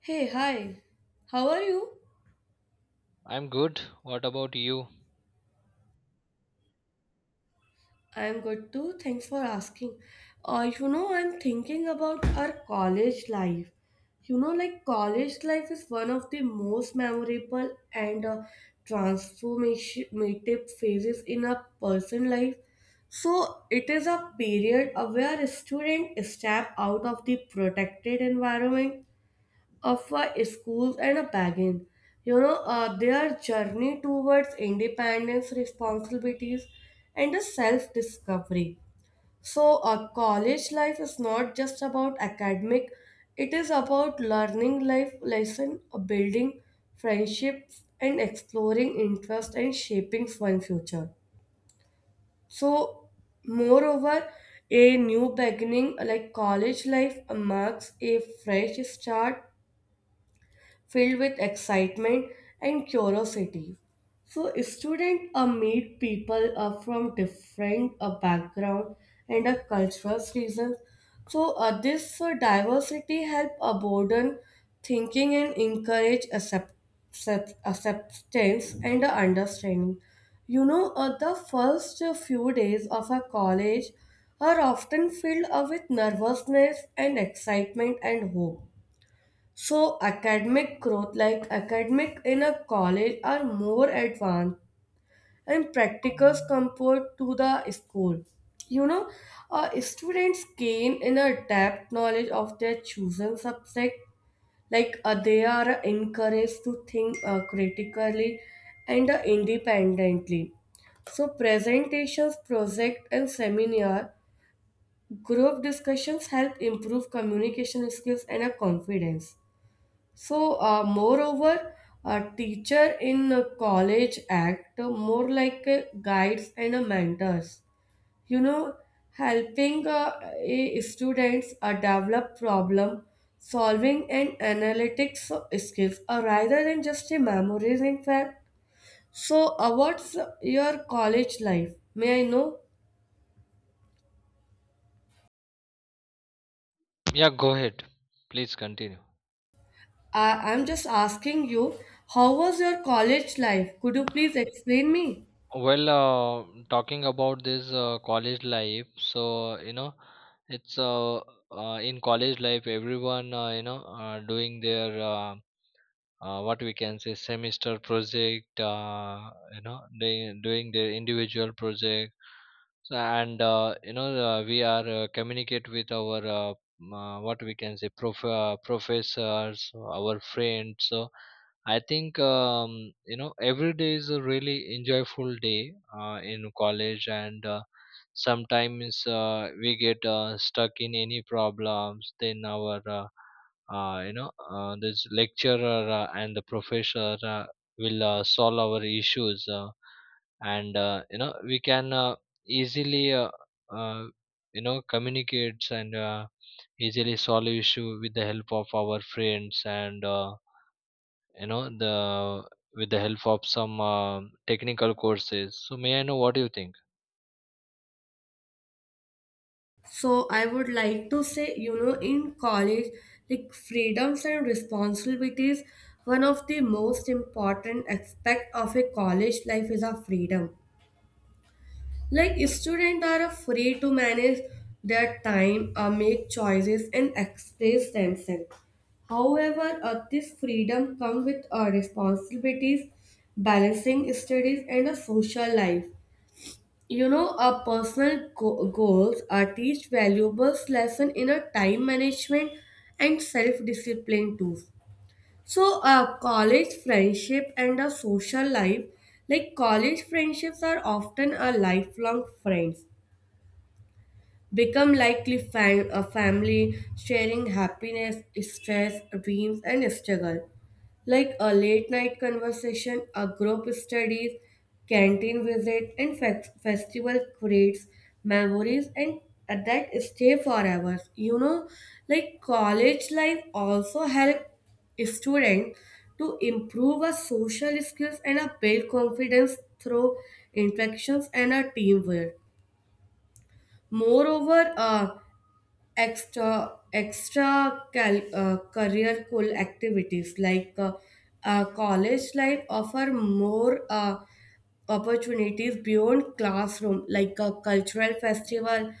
Hey, hi. How are you? I'm good. What about you? I'm good too. Thanks for asking. I'm thinking about our college life. Like college life is one of the most memorable and transformative phases in a person's life. So it is a period where a student step out of the protected environment of a school and a bargain. Their journey towards independence, responsibilities, and a self discovery. So, college life is not just about academic, it is about learning life lesson, building friendships, and exploring interest and shaping one's future. So, moreover, a new beginning like college life marks a fresh start filled with excitement and curiosity. So students meet people from different background and cultural reasons. So this diversity help broaden thinking and encourage acceptance and understanding. The first few days of a college are often filled with nervousness and excitement and hope. So academic growth like academic in a college are more advanced and practicals compared to the school. You know, students gain in a depth knowledge of their chosen subject. Like they are encouraged to think critically and independently. So presentations, project and seminar group discussions help improve communication skills and confidence. So, moreover, a teacher in a college act more like a guides and a mentors. You know, helping a students develop problem solving and analytics skills rather than just a memories. In fact, what's your college life? May I know? Yeah, go ahead. Please continue. I'm just asking you. How was your college life? Could you please explain me? Well, talking about this college life, so you know, it's in college life, everyone, doing their what we can say semester project, they doing their individual project. So, and you know we are, communicate with our m- what we can say prof- professors, our friends. So I think every day is a really enjoyable day in college. And sometimes we get stuck in any problems, then our, this lecturer and the professor will solve our issues, and we can easily uh, communicates, and easily solve issue with the help of our friends, and you know the with the help of some technical courses. So may I know what do you think? So I would like to say, you know, in college, like freedoms and responsibilities, one of the most important aspect of a college life is our freedom. Like students are free to manage their time, make choices, and express themselves. However, this freedom comes with responsibilities, balancing studies, and a social life, you know, our personal goals are teach valuable lesson in a time management and self-discipline tools. So our college friendship and our social life, like college friendships are often a lifelong friends, become likely a family sharing happiness stress dreams and struggle, like a late night conversation, a group studies, canteen visit, and festival creates memories and that stay forever. You know, like college life also help students to improve our social skills and a build confidence through interactions and a teamwork. Moreover, extra career cool activities like uh, college life offer more opportunities beyond classroom, like a cultural festival,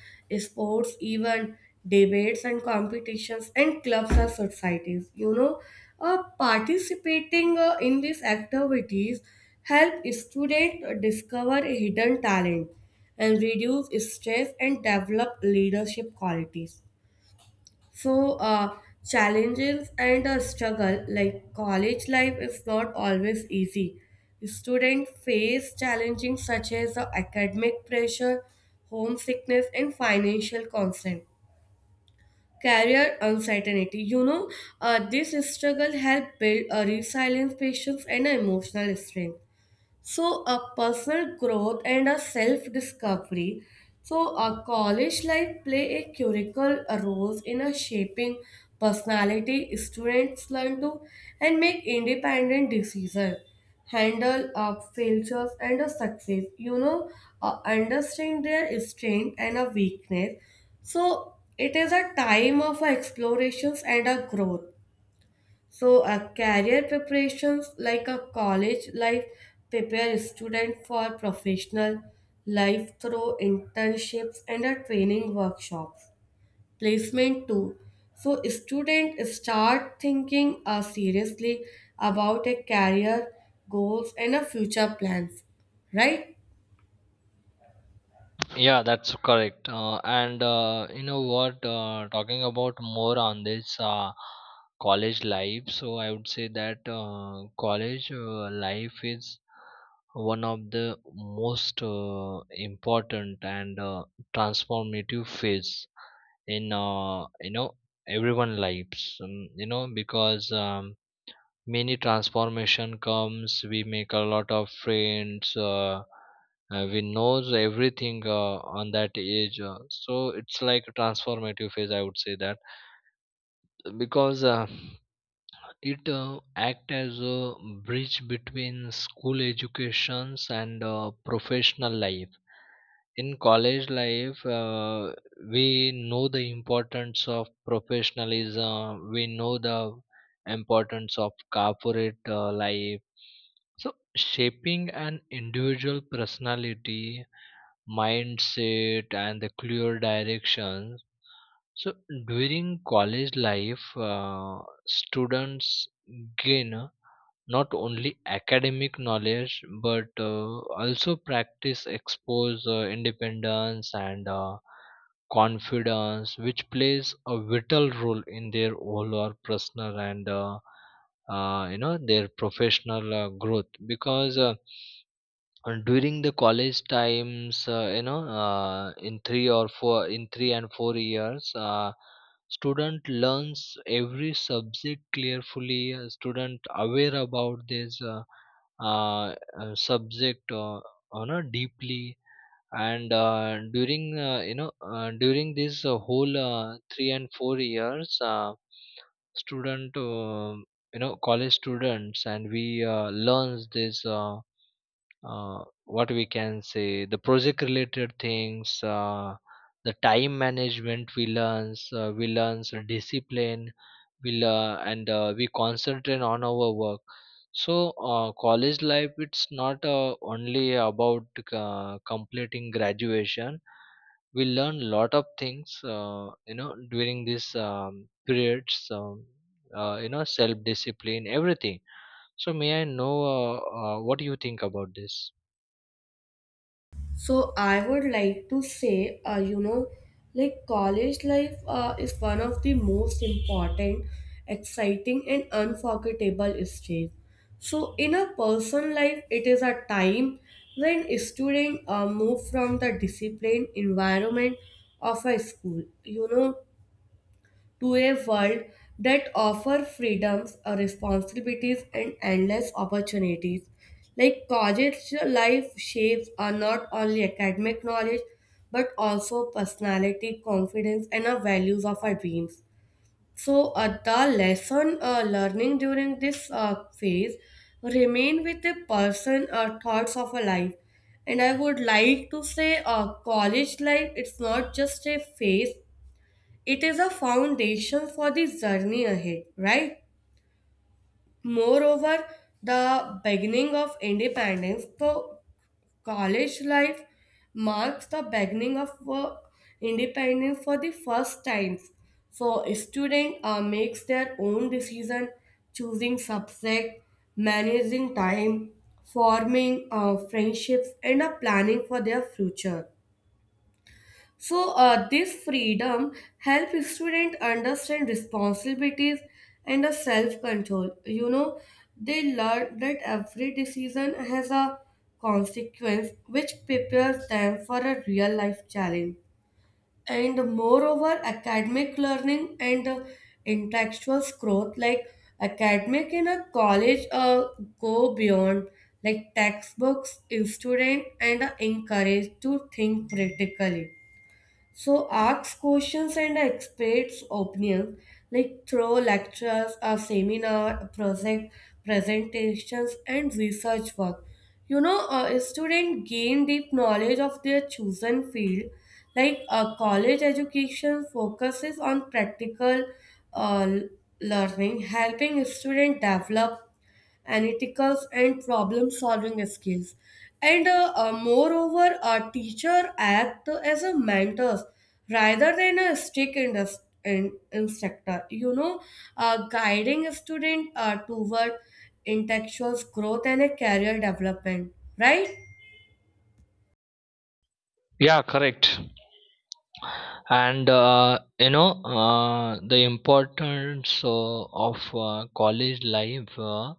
sports even, debates and competitions, and clubs and societies. You know, participating in these activities help students discover hidden talent and reduce stress and develop leadership qualities. So, challenges and a struggle, like college life is not always easy. Students face challenging such as the academic pressure, homesickness, and financial constraint. Career uncertainty. You know, this struggle help build a resilience, patience, and emotional strength. So, a personal growth and a self discovery. So, a college life play a critical role in a shaping personality. Students learn to and make independent decisions, handle failures and a success. You know, understand their strength and a weakness. So, it is a time of explorations and a growth. So, a career preparations, like a college life prepare student for professional life through internships and a training workshops. Placement too. So, student start thinking seriously about a career goals and a future plans, right? Yeah, that's correct. And you know what? Talking about more on this college life, so I would say that college life is one of the most important and transformative phase in, everyone lives. Because many transformation comes. We make a lot of friends, we knows everything on that age, so it's like a transformative phase, I would say that, because it act as a bridge between school educations and professional life. In college life, we know the importance of professionalism. We know the importance of corporate life, so shaping an individual personality, mindset, and the clear directions. So during college life, students gain not only academic knowledge but also practice expose, independence, and confidence, which plays a vital role in their overall personal and, their professional growth. Because during the college times, in 3 or 4, in 3 and 4 years, student learns every subject clearly. Student aware about this, uh, subject, you know, deeply. And during you know during this whole 3 and 4 years, student you know college students, and we learns this, what we can say the project related things, the time management, we learn, we learn discipline, we learn, and we concentrate on our work. So college life, it's not only about completing graduation. We learn lot of things during this periods, self discipline, everything. So may I know what you think about this? So I would like to say, you know, like college life is one of the most important, exciting, and unforgettable stage. So in a person life, it is a time when students move from the disciplined environment of a school, you know, to a world that offers freedoms, responsibilities, and endless opportunities. Like college life shapes are not only academic knowledge but also personality, confidence, and our values of our dreams. So the lesson learning during this phase remain with a person thoughts of a life. And I would like to say, college life it's not just a phase, it is a foundation for the journey ahead, right? Moreover, the beginning of independence, the college life marks the beginning of independence for the first times. So, student makes their own decision, choosing subject, managing time, forming friendships, and planning for their future. So this freedom helps students understand responsibilities and a self-control. You know, they learn that every decision has a consequence which prepares them for a real life challenge. And moreover, academic learning and intellectual growth, like academic in a college, go beyond like textbooks. In student, and encouraged to think critically, so ask questions and experts' opinions, like through lectures, a seminar, a project presentations, and research work. You know, a student gain deep knowledge of their chosen field. Like a college education focuses on practical uh, learning, helping students develop Analyticals and problem solving skills and moreover a teacher act as a mentor rather than a strict instructor. You know, guiding a student toward intellectual growth and a career development, right? Yeah, correct. And the importance of college life,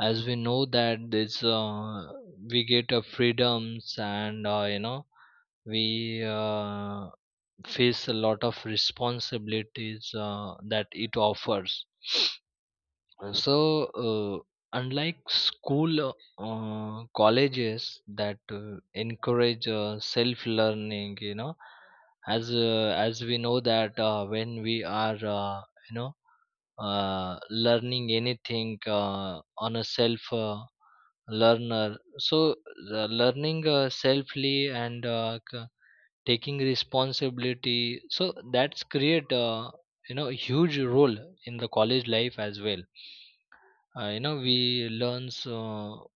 as we know that this, we get freedoms, and we face a lot of responsibilities that it offers. So, uh, unlike school, colleges that encourage self-learning, you know, as we know that when we are, you know, learning anything on a self learner, so the learning selfly, and taking responsibility, so that's create, huge role in the college life as well. We learn so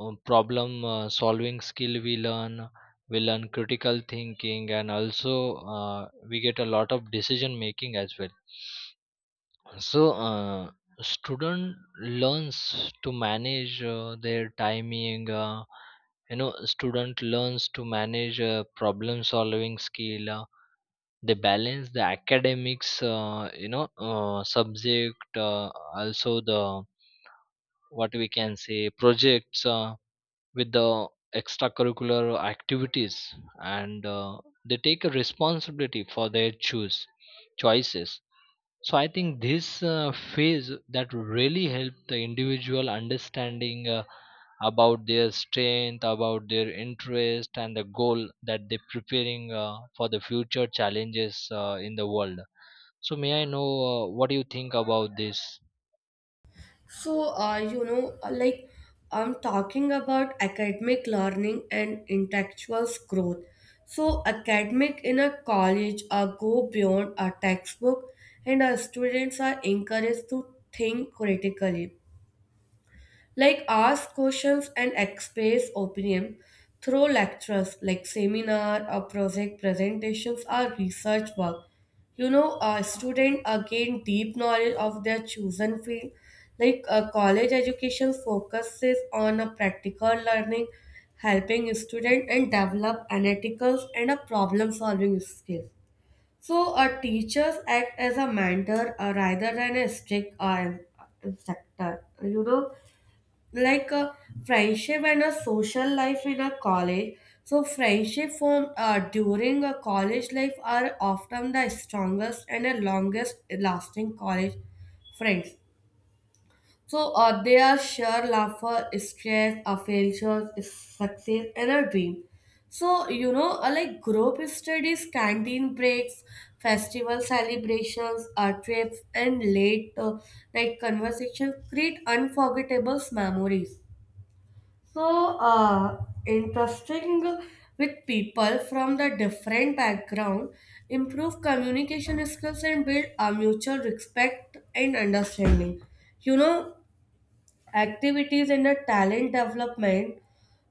problem solving skill. We learn, we learn critical thinking, and also we get a lot of decision making as well. So student learns to manage their timing. Student learns to manage problem solving skill. They balance the academics, subject, also the what we can say projects, with the extracurricular activities, and they take a responsibility for their choose choices. So I think this phase that really help the individual understanding about their strength, about their interest, and the goal that they preparing for the future challenges in the world. So may I know what do you think about this? So, like I'm talking about academic learning and intellectual growth. So, academic in a college go beyond a textbook, and our students are encouraged to think critically, like ask questions and express opinion through lectures, like seminar or project presentations or research work. You know, a student gain deep knowledge of their chosen field. Like a college education focuses on a practical learning, helping student and develop analytical and a problem solving skills. So, teachers act as a mentor rather than a strict instructor. You know, like a friendship and a social life in a college, so friendship formed during a college life are often the strongest and the longest lasting college friends. So they are share laughter stress, failures success and a dream. So, like group studies, canteen breaks, festival celebrations, trips and late night conversations create unforgettable memories. So interesting with people from the different background, improve communication skills and build a mutual respect and understanding. You know, activities and the talent development.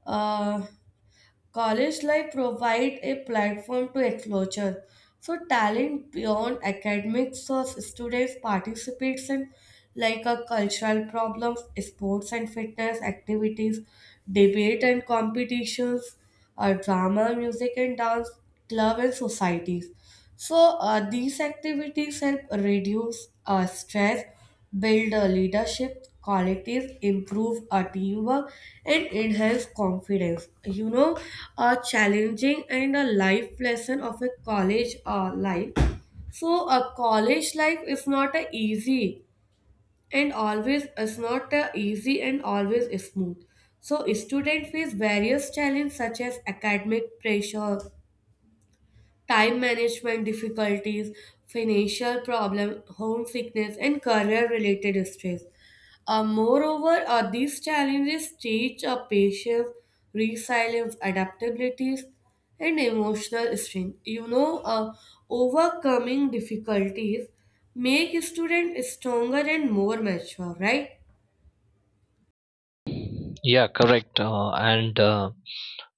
uh, College life provides a platform to exposure. So talent beyond academics of students participates in like a cultural problems, sports and fitness activities, debate and competitions, drama, music and dance, club and societies. So these activities help reduce stress, build leadership qualities, improve teamwork, and enhance confidence. You know, a challenging and a life lesson of a college life. So a college life is not a easy and always is not a easy and always smooth. So student face various challenges such as academic pressure, time management difficulties, financial problem, home sickness, and career-related stress. Moreover, these challenges teach a patience, resilience, adaptabilities, and emotional strength. You know, overcoming difficulties make students stronger and more mature, right? Yeah, correct. And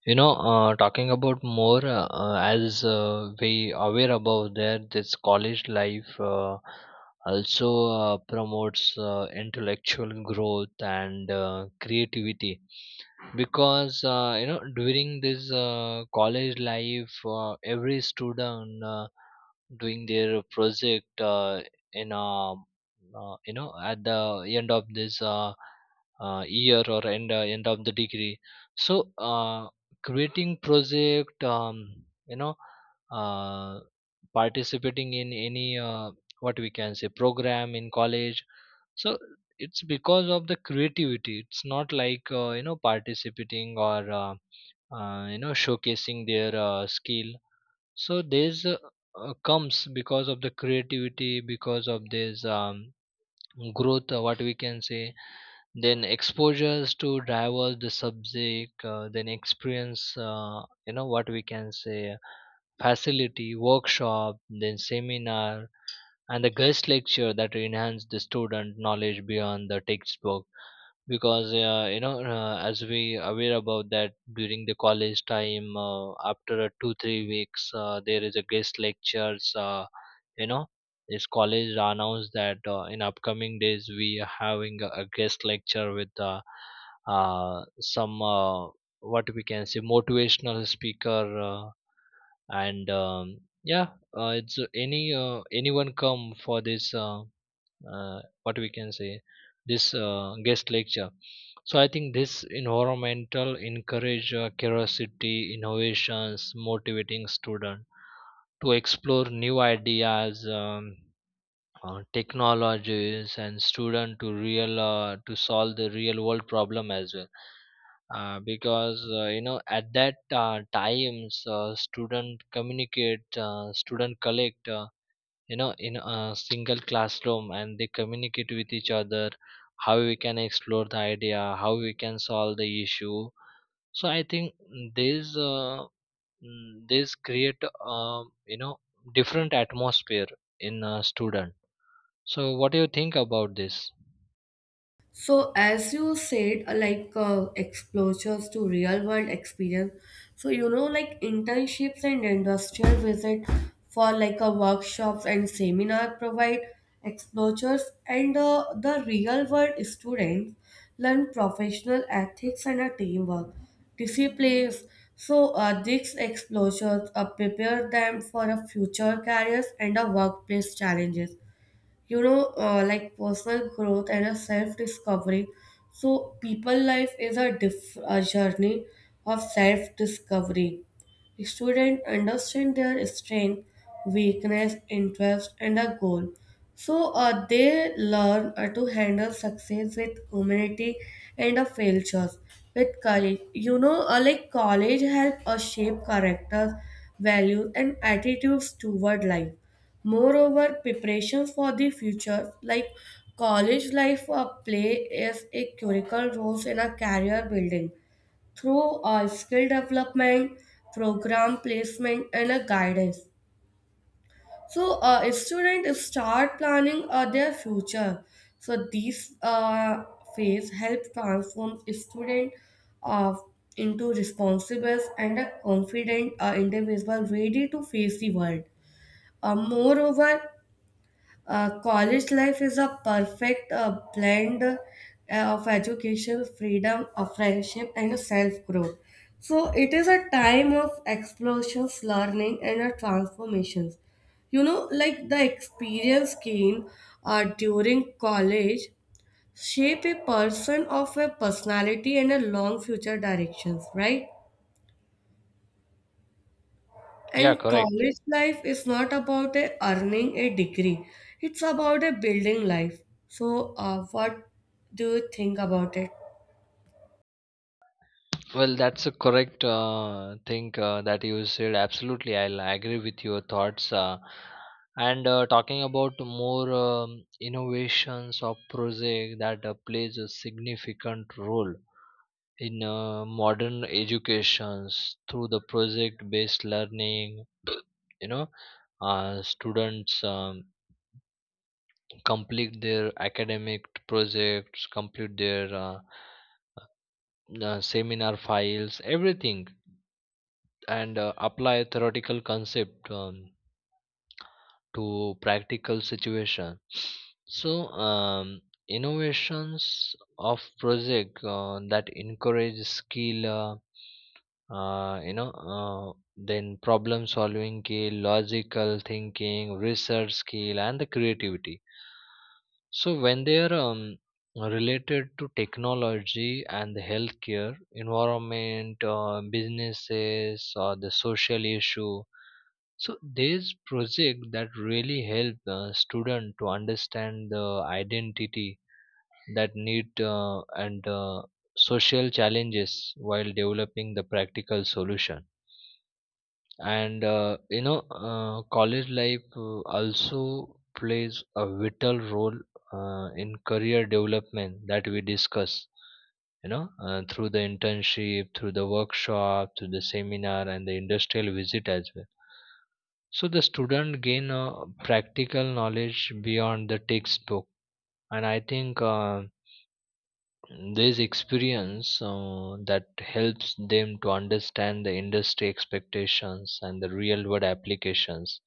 you know Talking about more, as we aware about there this college life, also promotes intellectual growth and creativity. Because during this college life, every student, doing their project, in a you know at the end of this, year, or end, end of the degree. So creating project, you know uh, participating in any, what we can say program in college. So it's because of the creativity. It's not like participating, or showcasing their skill. So there's comes because of the creativity, because of this growth, what we can say then exposures to diverse the subject, then experience, you know what we can say facility, workshop, then seminar, and the guest lecture that enhance the student knowledge beyond the textbook. Because as we aware about that during the college time, after a two three weeks, there is a guest lectures, you know this college announced that in upcoming days we are having a guest lecture with, some, what we can say motivational speaker, and yeah, it's any, anyone come for this, what we can say this guest lecture. So I think this environmental encourage curiosity, innovations, motivating student to explore new ideas, technologies, and student to solve the real world problem as well. Because at that times, student collect, in a single classroom, and they communicate with each other how we can explore the idea, how we can solve the issue. So I think this this create, uh, you know different atmosphere in a student. So what do you think about this? So, as you said, like exposures to real world experience. So, you know, like internships and industrial visit for like a workshops and seminar provide exposures and the real world students learn professional ethics and a teamwork disciplines. So, these exposures prepare them for a future careers and a workplace challenges. You know, like personal growth and a self discovery, so people life is a, a journey of self discovery. Student understand their strength, weakness, interest and a goal. So they learn to handle success with humility and a failures with courage. You know, like college help us shape characters, values and attitudes toward life. Moreover, preparation for the future, like college life or play, is a critical role in a career building through skill development, program placement, and a guidance. So, a student start planning their future. So, these phase help transform student uh, into responsible and a confident individual ready to face the world. Moreover, college life is a perfect blend of education, freedom, of friendship, and self growth. So it is a time of explosions, learning, and transformations. You know, like the experience gained during college shape a person of a personality and a long future directions, right? Yeah, And correct. college life is not about a earning a degree, it's about a building life. So, what do you think about it? Well, that's a correct thing that you said. Absolutely, I'll agree with your thoughts. And talking about more innovations of project that plays a significant role in modern educations through the project-based learning. You know, students complete their academic projects, complete their seminar files, everything, and apply theoretical concept to practical situation. So innovations of project that encourage skill you know then problem solving skill, logical thinking, research skill, and the creativity. So when they are related to technology and the healthcare, environment, businesses, or the social issue, so there's project that really help student to understand the identity that need, and social challenges while developing the practical solution. And college life also plays a vital role in career development that we discuss. You know, through the internship, through the workshop, through the seminar, and the industrial visit as well. So the student gain practical knowledge beyond the textbook. And I think this experience that helps them to understand the industry expectations and the real world applications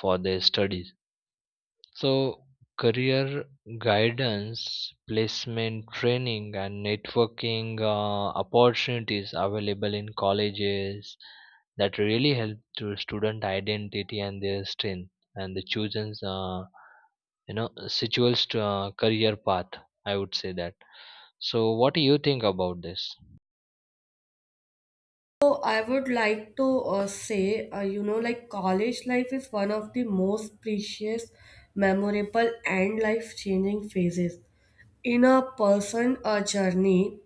for their studies. So career guidance, placement training, and networking opportunities available in colleges that really help to student identity and their strength and the chosen, situates to, career path. I would say that. So what do you think about this? So, I would like to say, you know, like college life is one of the most precious, memorable, and life changing phases in a person journey.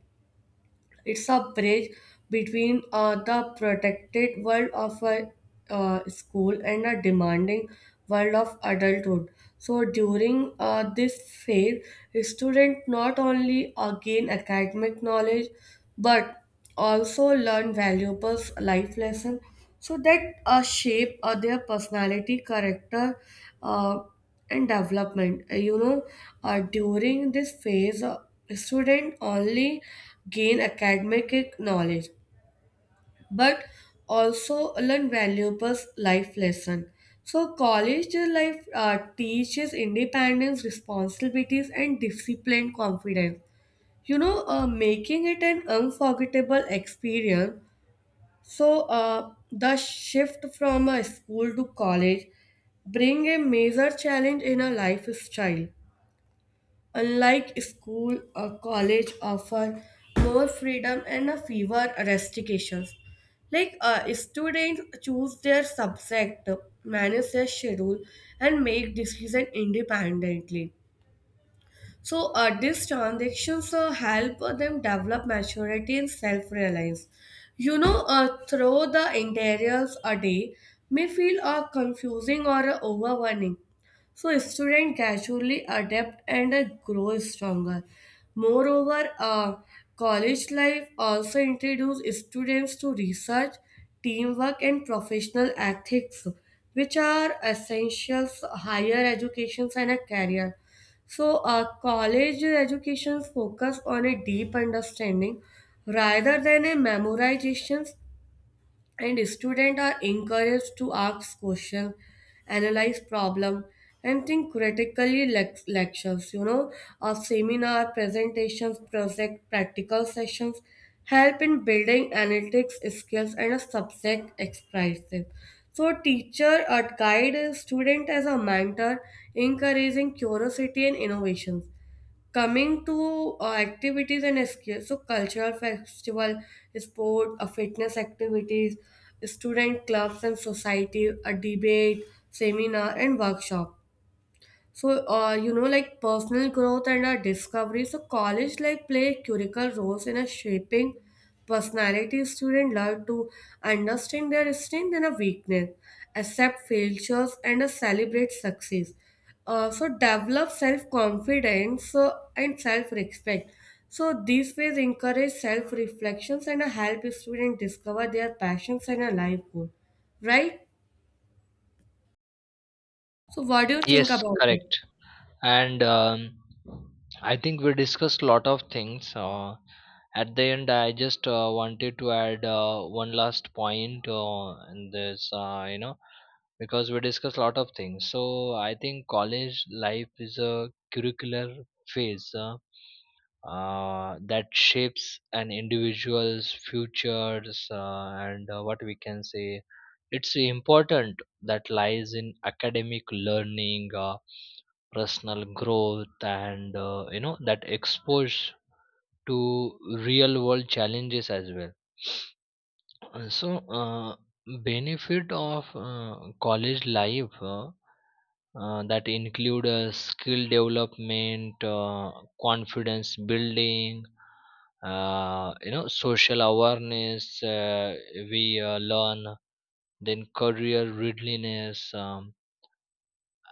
It's a bridge between the protected world of a school and a demanding world of adulthood. So during this phase, students not only gain academic knowledge but also learn valuable life lessons so that shape their personality, character, uh, and development. During this phase, student only gain academic knowledge, but also learn valuable life lesson. So college life teaches independence, responsibilities, and disciplined confidence. Making it an unforgettable experience. So, the shift from a school to college bring a major challenge in a lifestyle. Unlike school, a college offer more freedom and a fewer restrictions. Like students choose their subject, manage their schedule, and make decisions independently. So these transactions help them develop maturity and self-reliance. Through the interiors a day may feel confusing or overwhelming. So students gradually adapt and grow stronger. Moreover, college life also introduces students to research, teamwork, and professional ethics, which are essentials higher educations and a career. So, college education focus on a deep understanding rather than a memorization, and students are encouraged to ask questions, analyze problem, and think critically. Lectures, you know, or seminar presentations, project practical sessions help in building analytics skills and a subject expertise. So, teacher or guide a student as a mentor, encouraging curiosity and innovations. Coming to activities and escape, so cultural festival, sport, fitness activities, student clubs and society, a debate, seminar, and workshop. So, like personal growth and our discovery. So, college like play critical roles in a shaping personality. Student learn to understand their strength and a weakness, accept failures, and celebrate success. So, develop self confidence and self respect. So, these ways encourage self reflections and help students discover their passions and a life goal, right? So, what do you think Yes, about it? correct. And I think we discussed a lot of things. At the end, I just wanted to add one last point in this, because we discussed a lot of things. So I think college life is a curricular phase, that shapes an individual's futures, and what we can say. It's important that lies in academic learning. Personal growth, and that exposed to real world challenges as well. So uh, benefit of college life, that include skill development, confidence building, social awareness, we learn, then career readiness, um,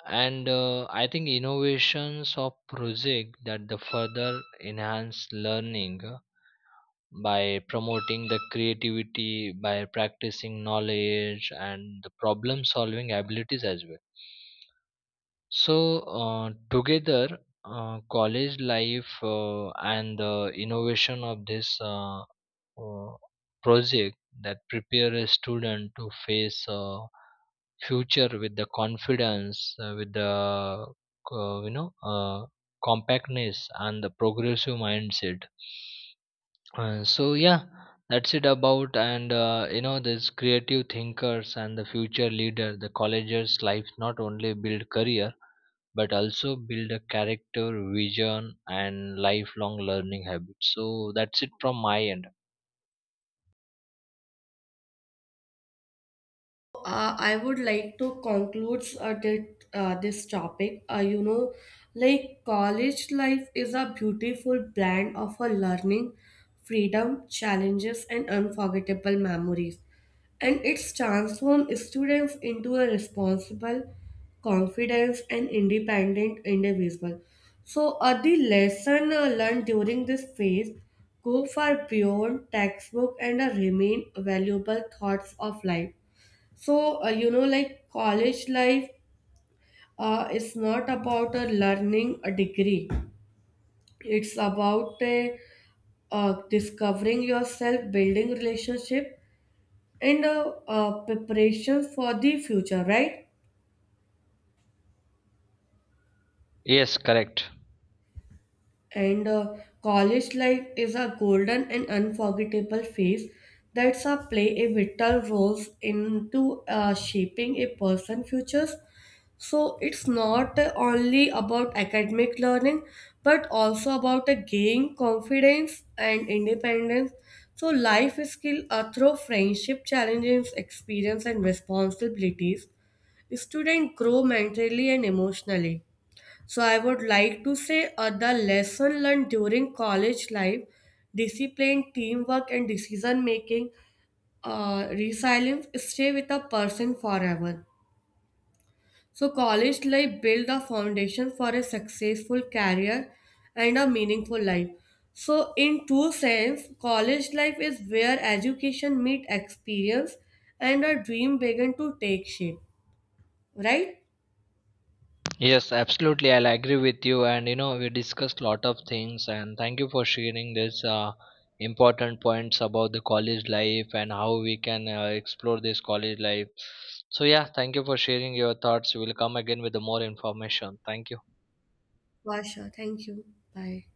and I think innovations of project that the further enhance learning by promoting the creativity, by practicing knowledge and the problem solving abilities as well. So together, college life, and the innovation of this, uh, project that prepare a student to face future with the confidence, with the, uh, you know uh, compactness and the progressive mindset. So yeah, that's it about. And this creative thinkers and the future leader, the college's life not only build career, but also build a character, vision, and lifelong learning habits. So that's it from my end. I would like to conclude this topic. You know, like college life is a beautiful blend of a learning, freedom, challenges, and unforgettable memories. And it's transformed students into a responsible, confident, and independent individual. So, the lesson learned during this phase go far beyond textbook and remain valuable thoughts of life. So, you know, like college life is not about learning a degree. It's about discovering yourself, building relationship, and preparation for the future, right? Yes, correct. And college life is a golden and unforgettable phase that's a play a vital role into shaping a person's futures. So it's not only about academic learning, but also about a gain confidence and independence. So life skill through friendship, challenges, experience, and responsibilities. Students grow mentally and emotionally. So I would like to say the lesson learned during college life, discipline, teamwork, and decision making, resilience stay with a person forever. So college life build a foundation for a successful career and a meaningful life. So in two sense, college life is where education meet experience and a dream begin to take shape, right? Yes, absolutely. I'll agree with you. And you know, we discussed lot of things. And thank you for sharing this important points about the college life and how we can explore this college life. So yeah, thank you for sharing your thoughts. We will come again with the more information. Thank you. Vasha, thank you. Bye.